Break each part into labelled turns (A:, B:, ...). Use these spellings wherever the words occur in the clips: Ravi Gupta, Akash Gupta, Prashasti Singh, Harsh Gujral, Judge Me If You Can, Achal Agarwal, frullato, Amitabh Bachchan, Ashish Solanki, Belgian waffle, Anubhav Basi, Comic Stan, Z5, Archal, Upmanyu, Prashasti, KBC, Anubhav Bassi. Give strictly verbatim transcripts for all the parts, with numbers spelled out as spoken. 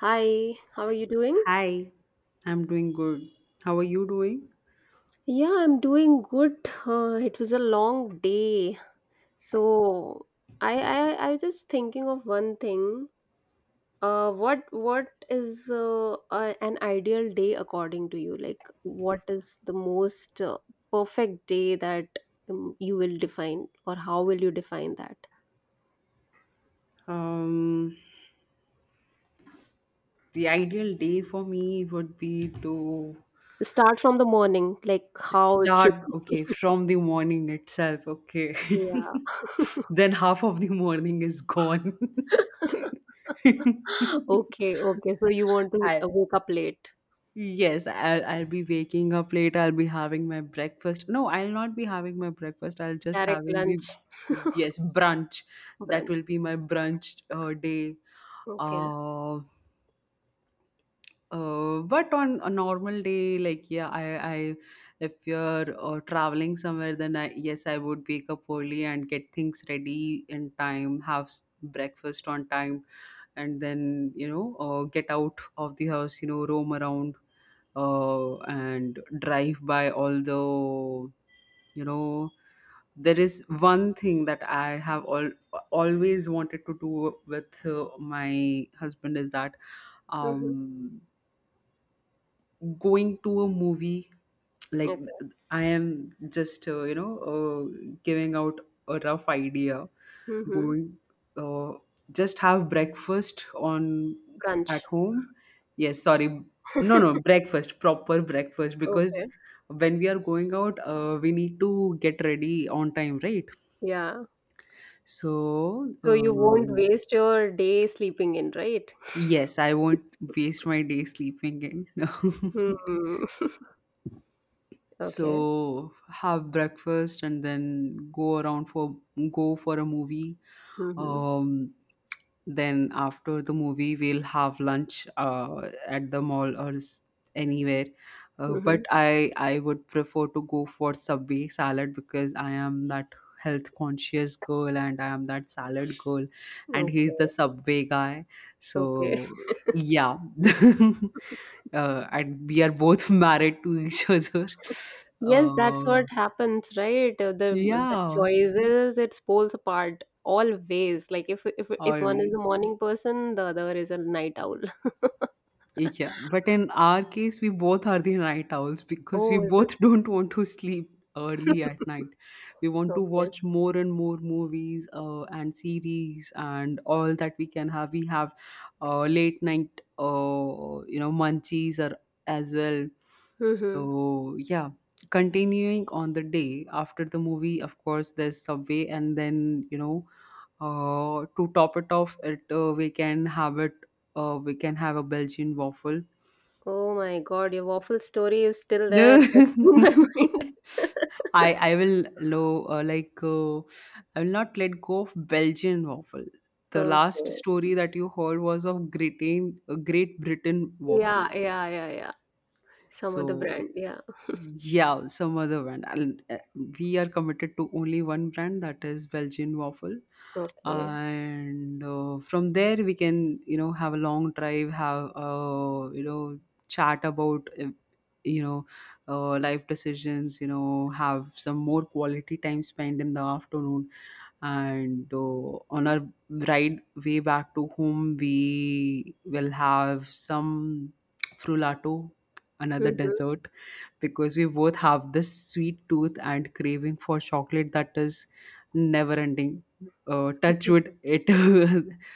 A: Hi, how are you doing?
B: Hi, I'm doing good. How are you doing?
A: Yeah, I'm doing good. Uh, it was a long day. So I I I was just thinking of one thing. Uh, what what is uh, uh, an ideal day according to you? Like, what is the most uh, perfect day that um, you will define, or how will you define that?
B: Um, the ideal day for me would be to
A: Start from the morning, like how it should
B: start, okay, from the morning itself, okay.
A: be. Yeah.
B: Then half of the morning is gone.
A: Okay, okay. So you want to
B: I
A: uh, wake up late,
B: yes, I'll, I'll be waking up late. I'll be having my breakfast. No, I'll not be having my breakfast. I'll just
A: direct
B: having be
A: lunch.
B: yes, brunch. That
A: Brunch.
B: will be my brunch uh, day.
A: Okay.
B: Um Uh, but on a normal day, like yeah, I, I, if you're uh, traveling somewhere, then I, yes, I would wake up early and get things ready in time, have s- breakfast on time, and then you know, uh, get out of the house, you know, roam around, uh, and drive by all the, you know, there is one thing that I have all always wanted to do with uh, my husband, is that
A: Mm-hmm.
B: um going to a movie, like
A: Okay.
B: I am just uh, you know uh, giving out a rough idea,
A: Mm-hmm.
B: going, uh, just have breakfast on at
A: Brunch.
B: home. Yes, sorry, no no breakfast, proper breakfast, because
A: Okay.
B: when we are going out, uh, we need to get ready on time, right?
A: Yeah.
B: so
A: So you won't
B: uh,
A: waste your day sleeping in, right?
B: yes, I won't waste my day sleeping in.
A: Hmm. Okay.
B: So have breakfast and then go around for go for a movie,
A: Mm-hmm.
B: um then after the movie we'll have lunch uh, at the mall or s- anywhere. Uh,
A: Mm-hmm.
B: but i i would prefer to go for Subway salad because I am that health conscious girl, and I am that salad girl, and he's the
A: Okay.
B: Subway guy.
A: Okay.
B: So yeah. Uh, and we are both married to each other.
A: Yes, that's
B: Uh,
A: what happens, right? Uh, The the
B: yeah,
A: choices it pulls apart always. Like if if if one is a
B: always.
A: morning person, the other is a night owl.
B: Yeah, but in our case, we both are the night owls because we
A: Oh, is it?
B: both don't want to sleep early at night. We want to
A: Okay.
B: watch more and more movies, uh, and series and all that we can have. We have uh, late night, uh, you know, munchies or as well.
A: Mm-hmm.
B: So yeah, continuing on the day, after the movie, of course, there's Subway, and then you know uh, to top it off, it uh, we can have it. Uh, we can have a Belgian waffle.
A: Oh my God, your waffle story is still there fresh
B: The
A: in my mind.
B: I I will low uh, like uh, I will not let go of Belgian waffle. The last
A: Okay.
B: story that you heard was of Great Great Britain waffle.
A: Yeah, yeah, yeah, yeah. Some other
B: So
A: brand. Yeah.
B: yeah, some other brand. And, uh, we are committed to only one brand, that is Belgian waffle.
A: Okay.
B: And uh, from there we can, you know, have a long drive, have uh, you know, chat about uh, you know, uh, life decisions, you know, have some more quality time spent in the afternoon. And uh, on our ride way back to home, we will have some frullato, another
A: Mm-hmm.
B: dessert, because we both have this sweet tooth and craving for chocolate that is never ending. Uh, touch
A: Mm-hmm.
B: wood, it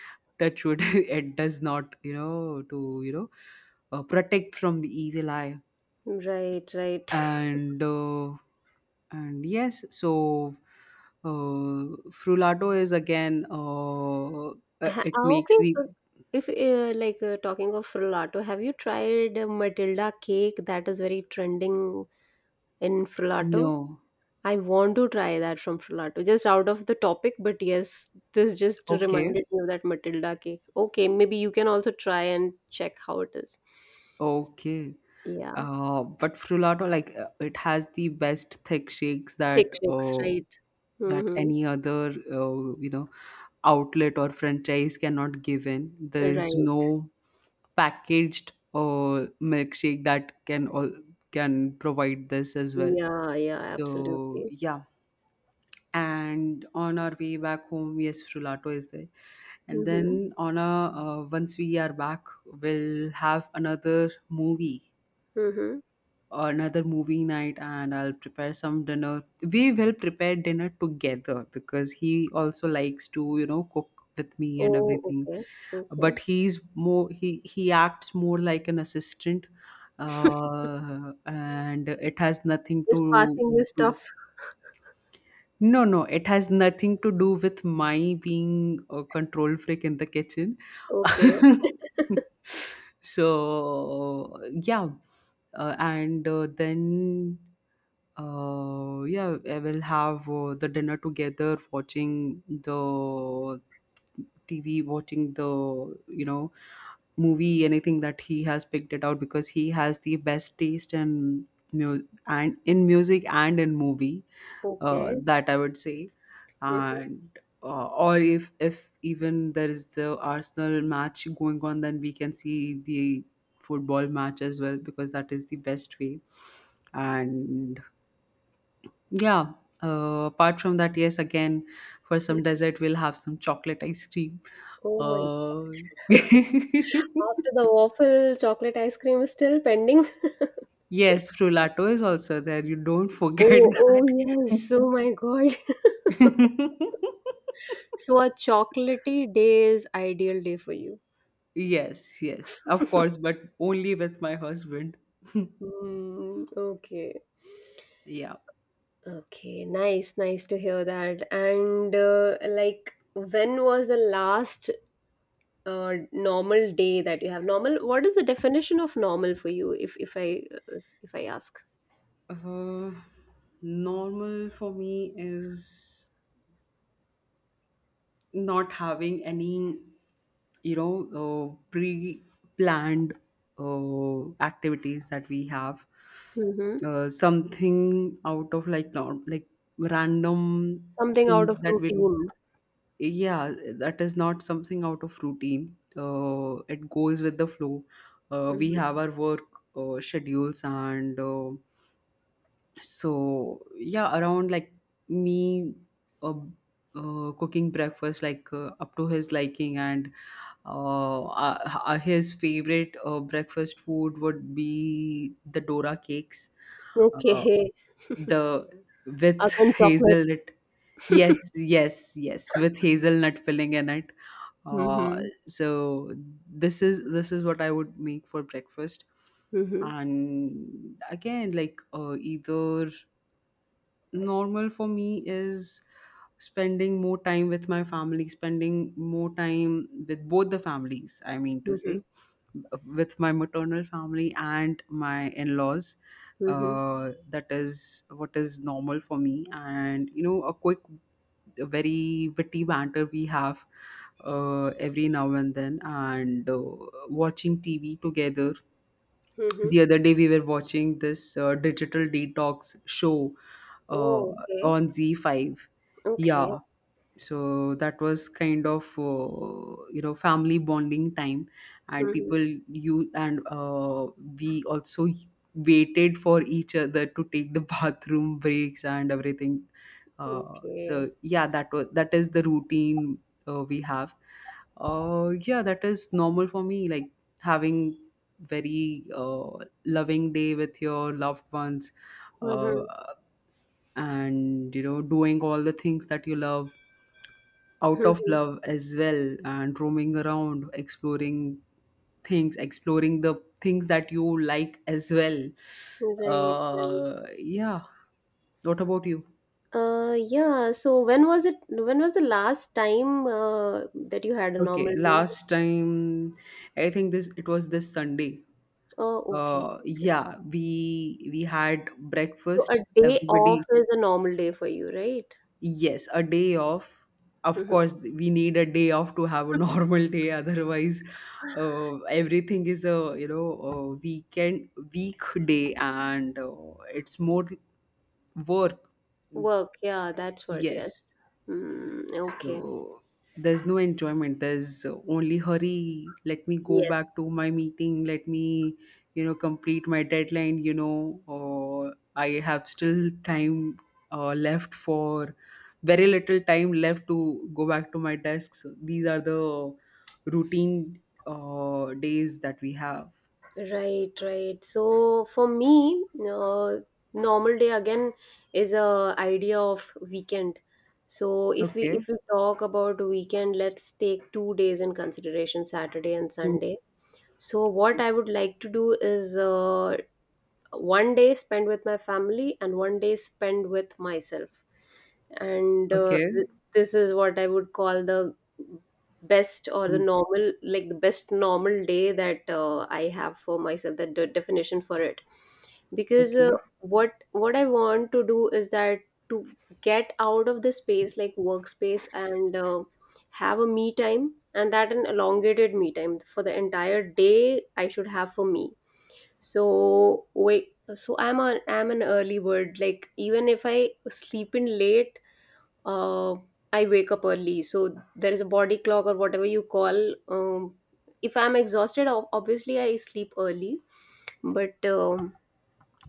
B: touch wood, it does not, you know, to you know, uh, protect from the evil eye.
A: Right, right.
B: And uh, and yes, so uh, frullato is again, uh, uh,
A: Ha-
B: it
A: ah,
B: makes
A: Okay.
B: the
A: So if uh, like uh, talking of frullato, have you tried uh, Matilda cake? That is very trending in frullato.
B: no.
A: I want to try that from frullato. Just out of the topic, but yes, this just
B: Okay,
A: reminded me of that Matilda cake. Okay, maybe you can also try and check how it is. So,
B: okay.
A: yeah,
B: Uh, but frullato, like uh, it has the best thick shakes
A: thick
B: that
A: shakes,
B: uh,
A: right?
B: that
A: Mm-hmm.
B: any other, uh, you know outlet or franchise cannot give in. There is
A: Right.
B: no packaged uh, milkshake that can all can provide this as well.
A: Yeah, yeah,
B: So
A: absolutely.
B: yeah, and on our way back home, yes, frullato is there, and
A: Mm-hmm.
B: then on a uh, once we are back, we'll have another movie
A: Mm-hmm.
B: another movie night, and I'll prepare some dinner. We will prepare dinner together because he also likes to, you know, cook with me and
A: Oh,
B: everything.
A: okay.
B: But
A: Okay.
B: he's more he he acts more like an assistant, uh, and it has nothing
A: Just
B: to
A: passing you
B: do
A: stuff.
B: no, no, it has nothing to do with my being a control freak in the kitchen.
A: Okay.
B: So, yeah. Uh, and uh, then, uh, yeah, I will have uh, the dinner together, watching the T V, watching the, you know, movie, anything that he has picked it out, because he has the best taste in, mu- and in music and in movie, uh,
A: Okay.
B: that I would say.
A: Mm-hmm.
B: And uh, or if if even there is the Arsenal match going on, then we can see the football match as well because that is the best way. And yeah, uh, apart from that, yes, again for some dessert we'll have some chocolate ice cream.
A: Oh my.
B: Uh,
A: After the waffle, chocolate ice cream is still pending.
B: yes, frullato is also there. You don't forget
A: Oh,
B: that.
A: oh yes. Oh my God. So a chocolatey day is ideal day for you.
B: Yes, yes, of course, but only with my husband.
A: Hmm. Okay.
B: Yeah.
A: Okay, nice, nice to hear that. And uh, like, when was the last uh, normal day that you have normal, what is the definition of normal for you if if i if i ask.
B: Uh, normal for me is not having any, you know, uh, pre planned uh, activities that we have.
A: Mm-hmm.
B: Uh, something out of like, nor- like random
A: Something out
B: things
A: of
B: that we do.
A: routine.
B: Yeah, that is not something out of routine. Uh, it goes with the flow. Uh, we
A: Mm-hmm.
B: have our work uh, schedules, and uh, so yeah, around like me uh, uh, cooking breakfast like uh, up to his liking, and uh, uh, uh, his favorite uh, breakfast food would be the dora cakes, uh,
A: Okay,
B: the with
A: again chocolate.
B: hazelnut. Yes, yes, yes, with hazelnut filling in it. Uh,
A: Mm-hmm.
B: so this is this is what I would make for breakfast.
A: Mm-hmm.
B: And again, like uh, either normal for me is spending more time with my family, spending more time with both the families, I mean to say,
A: Mm-hmm.
B: with my maternal family and my in laws.
A: Mm-hmm.
B: Uh, that is what is normal for me. And, you know, a quick, a very witty banter we have uh, every now and then, and uh, watching T V together.
A: Mm-hmm.
B: The other day we were watching this uh, digital detox show uh,
A: Oh, okay,
B: on Z five.
A: okay.
B: Yeah, so that was kind of uh, you know family bonding time, and
A: Mm-hmm.
B: people you and uh, we also waited for each other to take the bathroom breaks and everything. Uh,
A: Okay.
B: so yeah, that was that is the routine uh, we have. Uh, yeah, that is normal for me, like having very uh, loving day with your loved ones, uh,
A: Mm-hmm.
B: and you know, doing all the things that you love, out of
A: Mm-hmm.
B: love as well, and roaming around, exploring things, exploring the things that you like as well.
A: Right, right.
B: Uh yeah, what about you?
A: uh yeah, so when was it when was the last time uh, that you had a
B: Okay,
A: normal day.
B: last time, I think this it was this Sunday.
A: Oh, okay,
B: Uh
A: okay.
B: yeah, we we had
A: So a
B: breakfast,
A: day off
B: everybody.
A: is a normal day for you, right?
B: Yes, a day off. Of
A: Mhm.
B: course, we need a day off to have a normal day. Otherwise, uh, everything is a, you know, a weekend weekday, and uh, it's more work.
A: Work, yeah, that's what, yes.
B: Yes.
A: Mm, okay.
B: So there's no enjoyment. There's only hurry. Let me go
A: Yes.
B: back to my meeting. Let me, you know, complete my deadline. You know, or I have still time uh, left for very little time left to go back to my desk. So these are the routine uh, days that we have.
A: Right, right. So for me, uh, normal day again is a idea of weekend. So if we
B: Okay.
A: if we talk about weekend, let's take two days in consideration, Saturday and
B: Hmm.
A: Sunday. So what I would like to do is uh, one day spend with my family and one day spend with myself. And uh,
B: Okay.
A: th- this is what I would call the best or the
B: Hmm.
A: normal, like the best normal day that uh, I have for myself, that the definition for it. Because uh,
B: Okay.
A: what what I want to do is that to get out of the space, like workspace, and uh, have a me time, and that an elongated me time for the entire day I should have for me. So wait, so i'm a i'm an early bird. Like even if I sleep in late, uh, I wake up early. So there is a body clock or whatever you call. Um, if I'm exhausted, ob- obviously I sleep early. But um,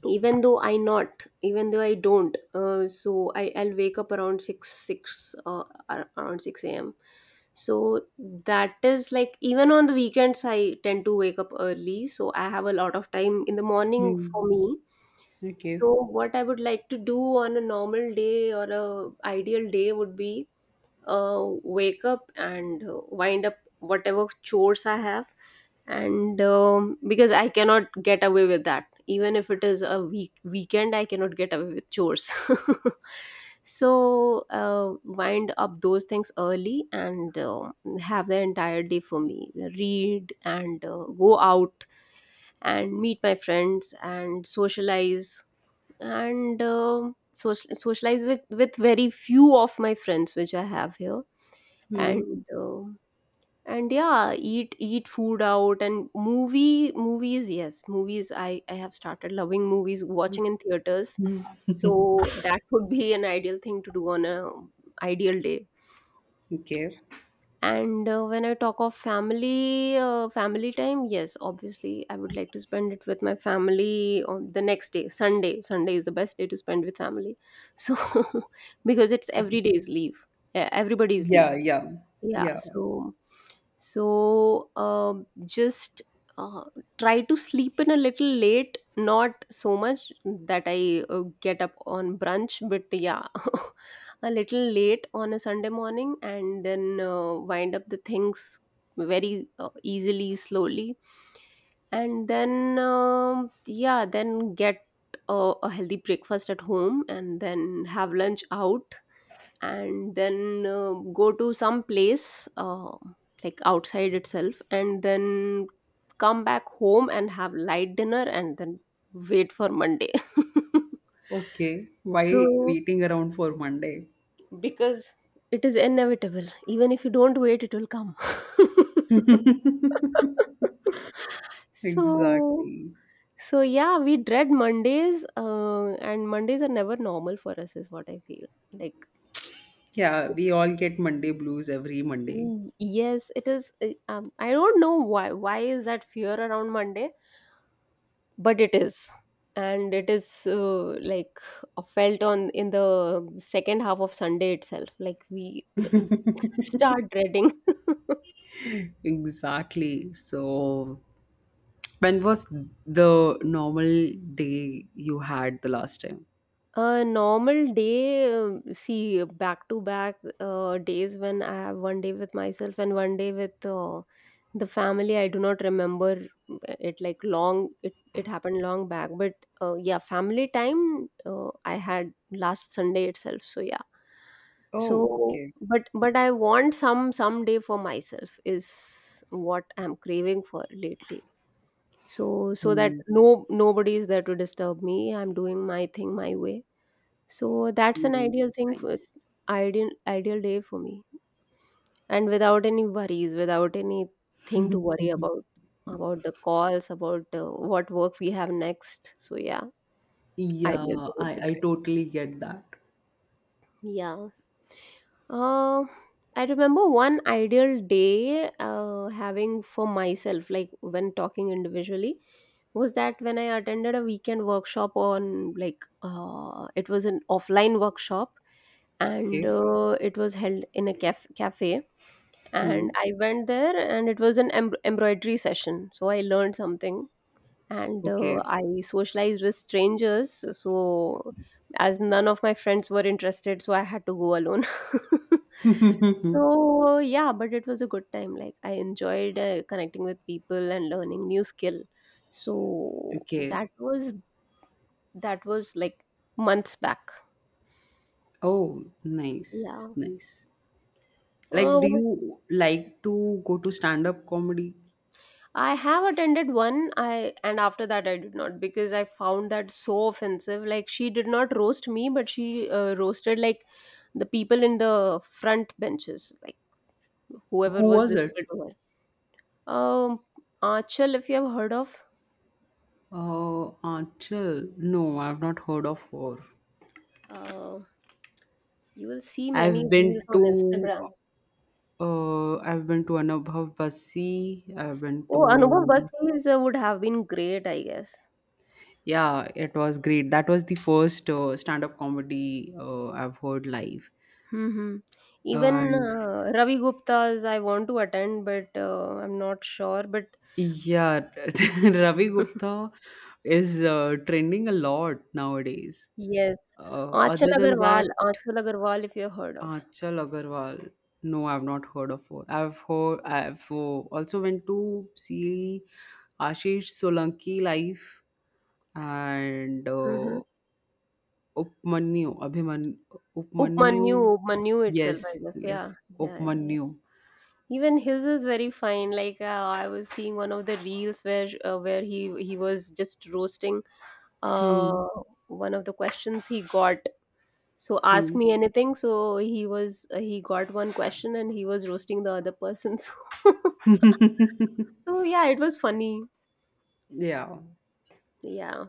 A: even though I not, even though I don't, uh, so I I'll wake up around six six uh, ar- around six a m. So that is like even on the weekends I tend to wake up early. So I have a lot of time in the morning
B: Hmm.
A: for me.
B: Okay.
A: So what I would like to do on a normal day or a ideal day would be uh, wake up and uh, wind up whatever chores I have, and um, because I cannot get away with that, even if it is a week weekend, I cannot get away with chores. So uh, wind up those things early and uh, have the entire day for me. Read and uh, go out and meet my friends and socialize and. um social, socialize with with very few of my friends which I have here.
B: Hmm.
A: And um and yeah, eat eat food out and movie movies, yes movies, i i have started loving movies watching in theaters. So that would be an ideal thing to do on a ideal day.
B: Okay.
A: And uh, when I talk of family, uh, family time, yes, obviously I would like to spend it with my family on the next day. Sunday, Sunday is the best day to spend with family. So because it's every day's leave. Yeah, everybody's
B: Yeah.
A: leave.
B: Yeah.
A: Yeah,
B: Yeah.
A: so so um just uh, try to sleep in a little late, not so much that I uh, get up on brunch, but yeah a little late on a Sunday morning and then uh, wind up the things very uh, easily, slowly, and then um, yeah, then get uh, a healthy breakfast at home and then have lunch out, and then uh, go to some place uh, like outside itself, and then come back home and have light dinner and then wait for Monday.
B: Okay, why
A: So
B: waiting around for Monday?
A: because it is inevitable, even if you don't wait, it will come. So
B: Exactly.
A: so yeah, we dread Mondays, uh, and Mondays are never normal for us is what I feel. Like,
B: Yeah, we all get Monday blues every Monday.
A: mm, yes, it is. uh, Um, I don't know why. Why is that fear around Monday? But it is, and it is uh, like uh, felt on in the second half of Sunday itself. Like we start dreading.
B: Exactly. So, when was the normal day you had the last time?
A: A normal day, uh, see, back to back uh, days when I have one day with myself and one day with uh, the family. I do not remember uh, it, like long, it, it happened long back. But uh, yeah, family time uh, I had last Sunday itself. So yeah.
B: Oh,
A: So,
B: okay.
A: but but I want some some day for myself is what I'm craving for lately. So so that
B: Hmm.
A: no, nobody is there to disturb me. I'm doing my thing my way. So that's an ideal
B: Nice,
A: thing for
B: nice.
A: ideal ideal day for me. And without any worries, without anything to worry about about the calls, about uh, what work we have next. So yeah, ideal
B: Yeah,
A: day would be.
B: I I totally get that.
A: Yeah. Uh, I remember one ideal day uh, having for myself, like when talking individually, was that when I attended a weekend workshop on, like, uh, it was an offline workshop, and
B: Okay.
A: uh, it was held in a caf- cafe.
B: Hmm.
A: And I went there and it was an em- embroidery session. So I learned something, and uh,
B: Okay.
A: I socialized with strangers. So, as none of my friends were interested, so I had to go alone. So yeah, but it was a good time. Like I enjoyed uh, connecting with people and learning new skill. So
B: Okay.
A: that was that was like months back.
B: Oh,
A: Yeah.
B: nice, nice. Like,
A: Uh,
B: do you like to go to stand-up comedy?
A: I have attended one I, and after that I did not, because I found that so offensive. Like she did not roast me, but she uh, roasted like the people in the front benches, like whoever
B: Who
A: was
B: was it?
A: visible to her. Um Archal, if you have heard of.
B: Uh, Achal. No, I've not heard of her.
A: uh, you will see many
B: I've
A: reels
B: been
A: on
B: to
A: Instagram.
B: uh, I've been to Anubhav Basi. I've been
A: Oh, Anubhav
B: to
A: Bassi is, uh, would have been great, I guess.
B: yeah, it was great. That was the first uh, stand-up comedy uh, I've heard live.
A: Hmm. Even
B: And
A: uh, Ravi Gupta's I want to attend, but uh, I'm not sure, but
B: yeah, Ravi Gupta is uh, trending a lot nowadays.
A: yes.
B: Uh,
A: Achal
B: other than that,
A: Agarwal. Achal Agarwal, if you have heard of.
B: Achal Agarwal. No, I've not heard of her. I've heard. I've uh, also went to see Ashish Solanki live, and
A: Mm-hmm.
B: uh, Upmanyu Abhiman Upmanyu.
A: Upmanyu, Upmanyu
B: Yes,
A: itself, I guess.
B: yes,
A: Yeah, yeah, yeah, yeah.
B: Upmanyu.
A: Even his is very fine. Like uh, I was seeing one of the reels where uh, where he he was just roasting uh,
B: Hmm.
A: one of the questions he got. So ask
B: Hmm.
A: me anything. So he was uh, he got one question and he was roasting the other person. So, so yeah, it was funny.
B: Yeah.
A: Yeah.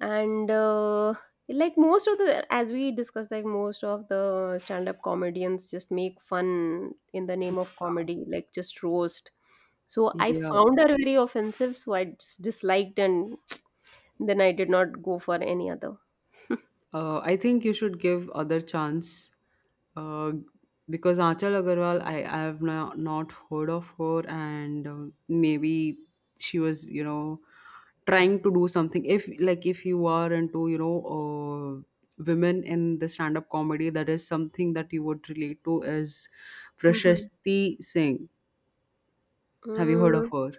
A: And uh, like most of the, as we discussed, like most of the stand-up comedians just make fun in the name of comedy, like just roast. So I
B: Yeah.
A: found her very offensive, so I just disliked, and then I did not go for any other.
B: Uh, I think you should give other chance, uh, because Achal Agarwal, I, I have no, not heard of her, and uh, maybe she was, you know, trying to do something. If like if you are into, you know, uh, women in the stand-up comedy, that is something that you would relate to is
A: Mhm.
B: Prashasti Singh. Have you heard of
A: Mm,
B: her?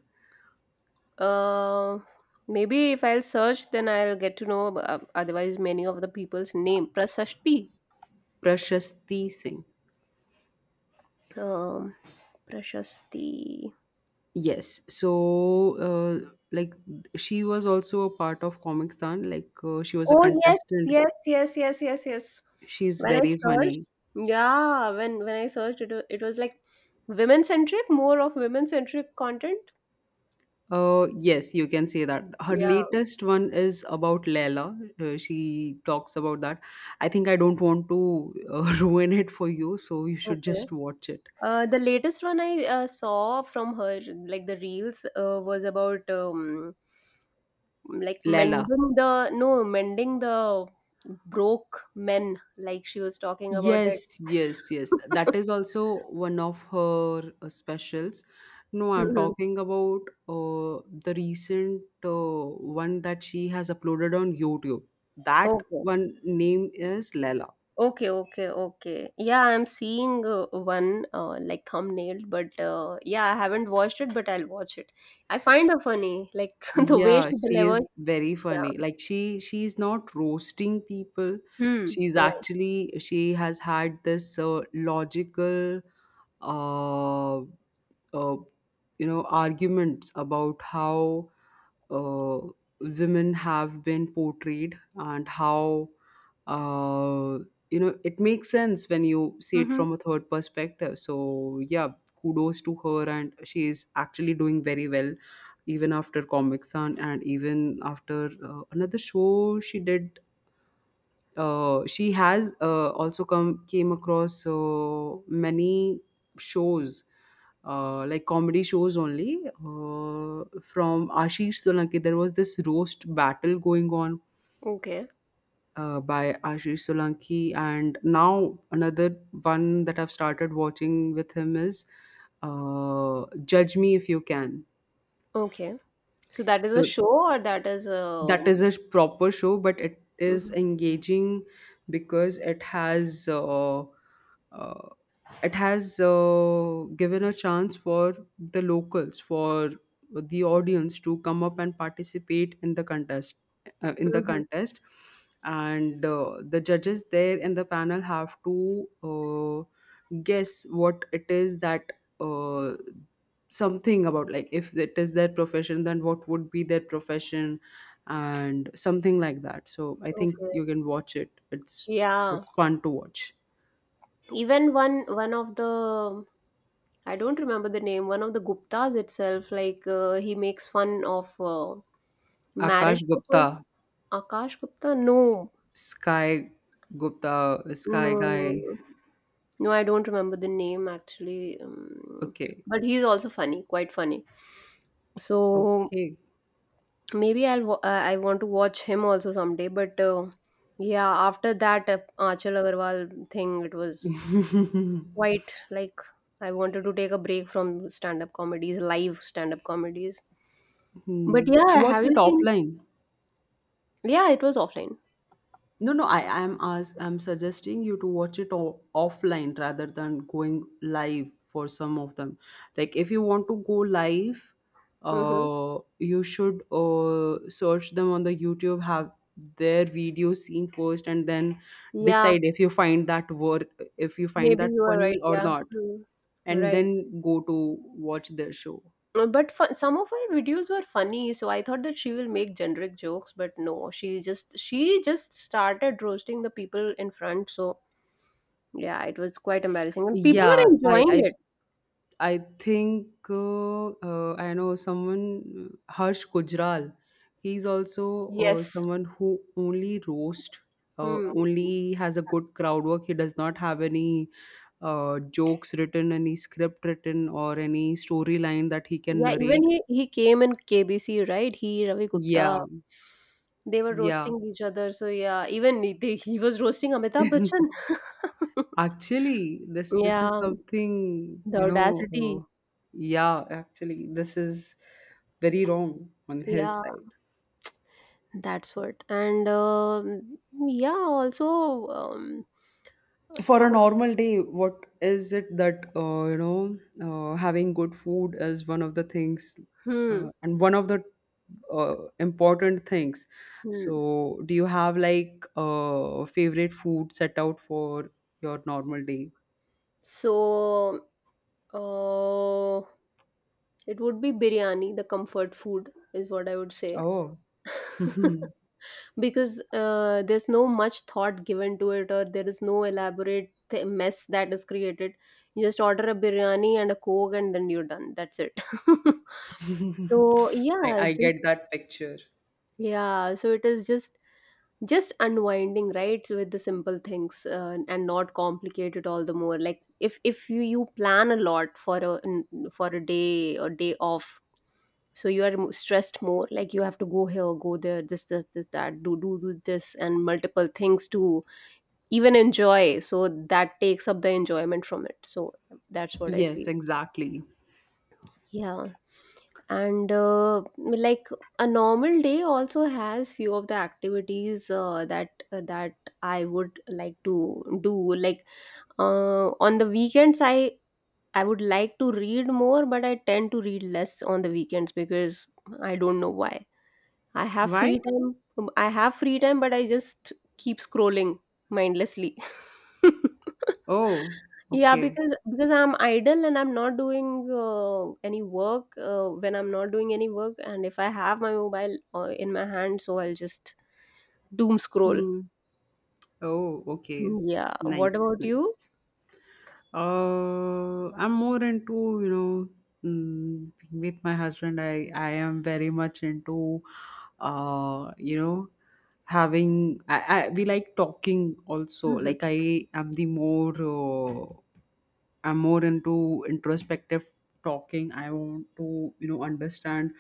A: uh, maybe if I'll search, then I'll get to know. Uh, otherwise, many of the people's name Prasasti.
B: Prashasti Singh.
A: Um, Prashasti.
B: Yes. So, uh, like, she was also a part of Comic Stan. Like, uh, she was a
A: Oh yes,
B: contestant.
A: yes, yes, yes, yes, yes.
B: She's
A: When I
B: very
A: searched,
B: funny.
A: yeah, when when I searched, it, wa- it was like women centric, more of women centric content.
B: Uh, yes, you can say that. Her
A: Yeah,
B: latest one is about Leila. Uh, she talks about that. I think I don't want to uh, ruin it for you, so you should
A: okay.
B: just watch it.
A: Uh, the latest one I uh, saw from her, like the reels, uh, was about um, like
B: Leila.
A: mending the no mending the broke men. Like she was talking about that.
B: Yes, yes, yes. That is also one of her uh, specials. No, I'm
A: Mhm.
B: talking about uh, the recent uh, one that she has uploaded on YouTube. That
A: Okay.
B: one name is Lela.
A: Okay, okay, okay. Yeah, I'm seeing uh, one uh, like thumbnail, but uh, yeah, I haven't watched it, but I'll watch it. I find her funny, like the way she
B: Yeah, she
A: delivers.
B: is very
A: Yeah.
B: funny. Like she she's not roasting people.
A: Hmm.
B: She's
A: Right.
B: actually she has had this uh, logical uh, uh you know arguments about how uh, women have been portrayed and how uh, you know it makes sense when you see it
A: Mm-hmm.
B: from a third perspective, so yeah, kudos to her. And she is actually doing very well even after Comic San and even after uh, another show she did. Uh, she has uh, also come came across uh, many shows, uh, like comedy shows only, uh, from Ashish Solanki. There was this roast battle going on
A: Okay.
B: uh, by Ashish Solanki, and now another one that I've started watching with him is uh, Judge Me If You Can.
A: Okay. So that is a
B: So
A: show, or that is
B: that
A: a.
B: is a proper show, but it is
A: Mm-hmm.
B: engaging because it has uh, uh, it has uh, given a chance for the locals, for the audience, to come up and participate in the contest, uh, in the
A: Mm-hmm.
B: contest And uh, the judges there in the panel have to uh, guess what it is that, uh, something about, like if it is their profession, then what would be their profession, and something like that. So I think
A: Okay.
B: you can watch it. It's
A: Yeah.
B: it's fun to watch.
A: Even one one of the, I don't remember the name. One of the Guptas itself, like uh, he makes fun of uh,
B: Akash
A: married
B: Gupta,
A: couples. Akash Gupta? No,
B: Sky Gupta, Sky
A: No, no,
B: Guy.
A: no. No, I don't remember the name actually. Um,
B: Okay,
A: but he's also funny, quite funny. So
B: okay.
A: maybe I'll wa- uh, I want to watch him also someday. But uh, yeah, after that uh, Achal Agarwal thing, it was quite like I wanted to take a break from stand-up comedies, live stand-up comedies. But
B: Hmm.
A: yeah,
B: Watch
A: have
B: it
A: you seen?
B: offline.
A: Yeah, it was offline.
B: No, no, I I am, as I'm suggesting you to watch it o- offline rather than going live for some of them. Like if you want to go live,
A: Mm-hmm.
B: uh, you should uh, search them on the YouTube, have their video seen first, and then
A: Yeah,
B: decide if you find that work, if you find
A: maybe
B: that
A: you are
B: funny
A: right.
B: or
A: Yeah,
B: not,
A: Hmm.
B: and
A: Right.
B: then go to watch their show.
A: Uh, but fu- some of her videos were funny, so I thought that she will make generic jokes, but no, she just she just started roasting the people in front. So yeah, it was quite embarrassing and people were
B: Yeah, I
A: enjoying
B: I
A: it.
B: I think uh, uh, I know someone, uh, Harsh Gujral. He's also uh,
A: Yes.
B: someone who only roast, uh,
A: Hmm.
B: only has a good crowd work. He does not have any uh, jokes written, any script written, or any storyline that he can
A: Yeah, even
B: narrate.
A: he he came in KBC, right? He, Ravi Gupta,
B: Yeah,
A: they were
B: yeah.
A: roasting each other. So yeah, even he- they, he was roasting Amitabh Bachchan.
B: Actually, this this is
A: yeah,
B: something,
A: the
B: you know.
A: audacity.
B: Uh, yeah, actually, this is very wrong on his
A: Yeah,
B: side.
A: that's what. And um, yeah, also um,
B: For a
A: some.
B: normal day, what is it that, uh, you know, uh, having good food is one of the things, uh,
A: Hmm.
B: and one of the uh, important things.
A: Hmm.
B: So do you have like uh, favorite food set out for your normal day?
A: So, uh, it would be biryani, the comfort food, is what I would say.
B: Oh.
A: Because uh, there's no much thought given to it, or there is no elaborate th- mess that is created. You just order a biryani and a coke, and then you're done. That's it. so,
B: I,
A: yeah,
B: I
A: just
B: get that picture.
A: yeah. So it is just just unwinding, right, with the simple things, uh, and not complicate it all the more. Like if if you you plan a lot for a for a day or day off, so you are mo- stressed more. Like you have to go here, go there, this this this that, do do do this and multiple things to even enjoy, so that takes up the enjoyment from it. So that's what I
B: Yes,
A: feel.
B: exactly.
A: Yeah. And uh, like a normal day also has few of the activities uh, that uh, that I would like to do. Like uh, on the weekends, I I would like to read more, but I tend to read less on the weekends because I don't know why. I have
B: Why?
A: free time. um, I have free time, but I just keep scrolling mindlessly.
B: Oh,
A: yeah,
B: okay.
A: because because I'm idle and I'm not doing uh, any work. Uh, when I'm not doing any work, and if I have my mobile uh, in my hand, so I'll just doom scroll.
B: Hmm. Oh, okay.
A: Yeah. What
B: Nice,
A: about you?
B: nice. Uh, I'm more into, you know, mm, with my husband, I, I am very much into, uh, you know, having, I, I we like talking also.
A: Hmm.
B: Like I am the more, uh, I'm more into introspective talking. I want to, you know, understand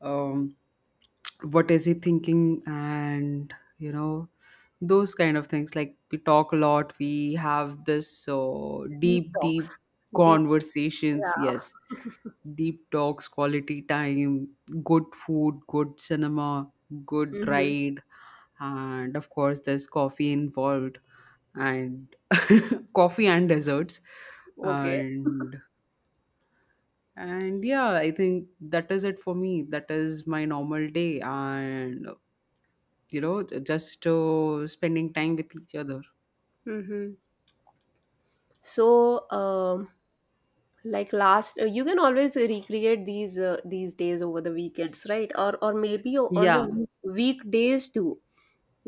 B: um what is he thinking, and you know, those kind of things. Like we talk a lot, we have this uh,
A: Deep
B: deep deep
A: talks. Deep.
B: conversations, yes,
A: Yeah.
B: deep talks, quality time, good food, good cinema, good
A: Mm-hmm.
B: ride, and of course there's coffee involved and coffee and desserts
A: Okay.
B: and and yeah, I think that is it for me. That is my normal day, and you know, just uh, spending time with each other.
A: Mm-hmm. So, um, like last, uh, you can always recreate these uh, these days over the weekends, right? or or maybe on the
B: Yeah,
A: week- weekdays too,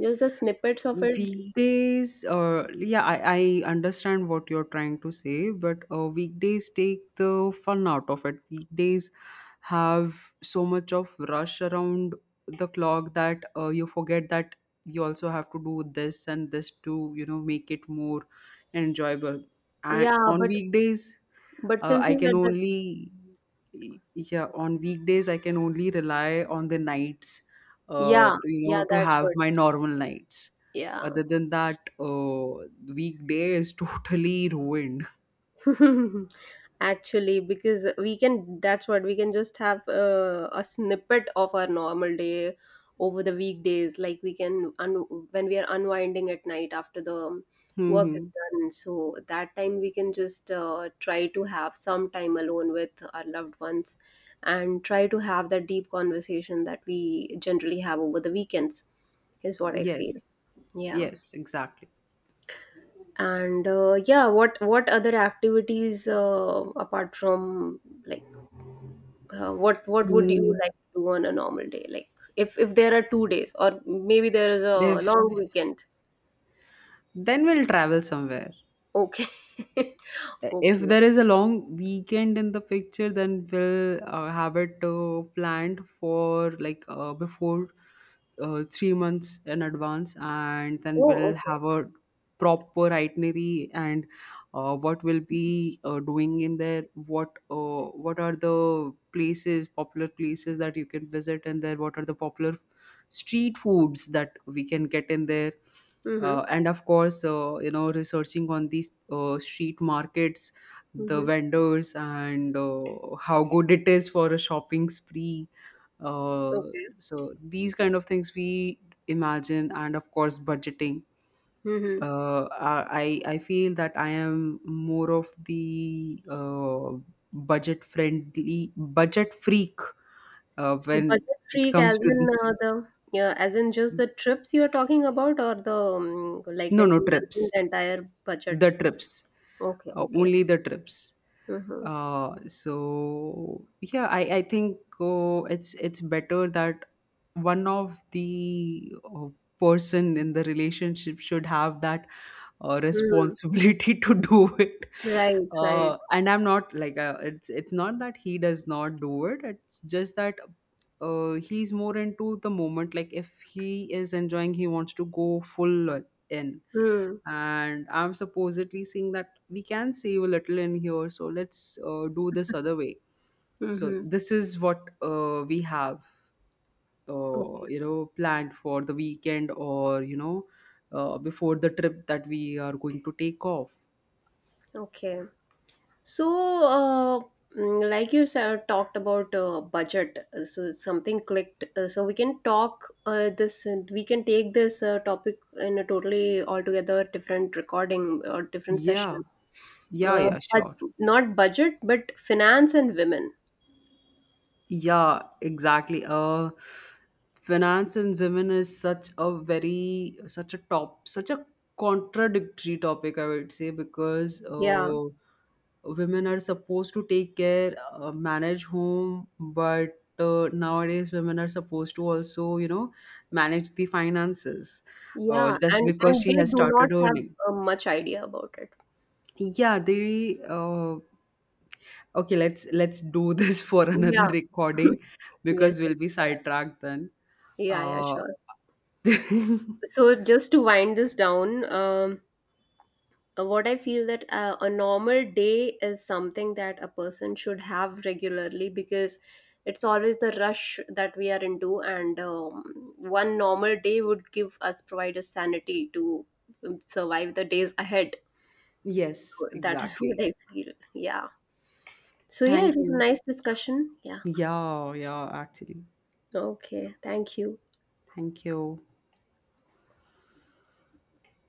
A: just the snippets of it.
B: weekdays, uh, yeah, I, I understand what you're trying to say, but uh, weekdays take the fun out of it. Weekdays have so much of rush around the clock that uh, you forget that you also have to do this and this to, you know, make it more enjoyable. And
A: Yeah,
B: on
A: but
B: weekdays,
A: but
B: uh,
A: since
B: I
A: you
B: can
A: said that,
B: only yeah, on weekdays I can only rely on the nights, uh,
A: yeah,
B: to, you know,
A: yeah,
B: to
A: that's
B: have
A: what.
B: my normal nights.
A: Yeah.
B: Other than that, uh, weekday is totally ruined.
A: Actually, because we can, that's what, we can just have uh, a snippet of our normal day over the weekdays. Like we can, un- when we are unwinding at night after the work is
B: Hmm.
A: done. So that time we can just uh, try to have some time alone with our loved ones and try to have that deep conversation that we generally have over the weekends, is what I feel.
B: Yes.
A: Yeah.
B: Yes, exactly.
A: And uh, yeah, what what other activities uh, apart from like, uh, what what would you
B: Mm.
A: like to do on a normal day? Like if if there are two days or maybe there is a
B: If,
A: long weekend.
B: then we'll travel somewhere.
A: Okay.
B: If
A: Okay.
B: there is a long weekend in the picture, then we'll uh, have it uh, planned for like uh, before uh, three months in advance, and then
A: Oh,
B: we'll
A: okay.
B: have a proper itinerary and uh, what we'll be uh, doing in there, what uh, what are the places, popular places that you can visit in there, what are the popular street foods that we can get in there,
A: Mm-hmm.
B: uh, and of course uh, you know, researching on these uh, street markets, the
A: Mm-hmm.
B: vendors, and uh, how good it is for a shopping spree. uh,
A: Okay.
B: so these kind of things we imagine, and of course budgeting.
A: Mm-hmm.
B: uh, I I feel that I am more of the uh, budget friendly, budget freak, uh,
A: So
B: when
A: budget
B: it
A: freak as
B: comes to
A: in
B: this.
A: uh, the, yeah, as in just the trips you're talking about, or the um, like
B: No,
A: and
B: no, trips,
A: managing the entire budget.
B: the trips,
A: Okay,
B: uh,
A: okay.
B: only the trips.
A: Mm-hmm.
B: Uh, so yeah, i i think uh, it's it's better that one of the uh, person in the relationship should have that uh,
A: Mm.
B: responsibility to do it.
A: Right, right.
B: Uh, and I'm not like, uh, it's it's not that he does not do it, it's just that uh, he's more into the moment. Like if he is enjoying, he wants to go full in.
A: Hmm.
B: And I'm supposedly seeing that we can save a little in here, so let's uh, do this other way. So
A: Mm-hmm.
B: this is what, uh, we have, uh,
A: Okay.
B: you know, planned for the weekend, or you know, uh, before the trip that we are going to take off.
A: Okay. So, uh, mm, like you said, talked about uh, budget. uh, So something clicked. Uh, so we can talk uh, this. And we can take this uh, topic in a totally altogether different recording or different session.
B: Yeah, yeah,
A: Uh,
B: yeah,
A: but
B: sure.
A: not budget, but finance and women.
B: Yeah, exactly. Uh, finance and women is such a very, such a top such a contradictory topic, I would say, because
A: Yeah,
B: uh, women are supposed to take care, uh, manage home, but uh, nowadays women are supposed to also, you know, manage the finances, uh,
A: yeah,
B: just
A: and
B: because
A: and
B: she
A: they
B: has
A: do not
B: started
A: have
B: earning.
A: uh, much idea about it.
B: Yeah, they. Uh, Okay, let's let's do this for another
A: Yeah.
B: recording,
A: Yes.
B: because we'll
A: Yes.
B: be
A: Sure.
B: sidetracked then.
A: Yeah. Yeah.
B: Uh,
A: Sure. So just to wind this down, um, Uh, what I feel that uh, a normal day is something that a person should have regularly, because it's always the rush that we are into. And um, one normal day would give us, provide us sanity to um, survive the days ahead.
B: yes,
A: So that is what
B: exactly.
A: I feel. Yeah. So yeah,
B: Thank
A: it was a
B: you.
A: nice discussion. Yeah.
B: Yeah, yeah, actually.
A: Okay, thank you.
B: Thank you.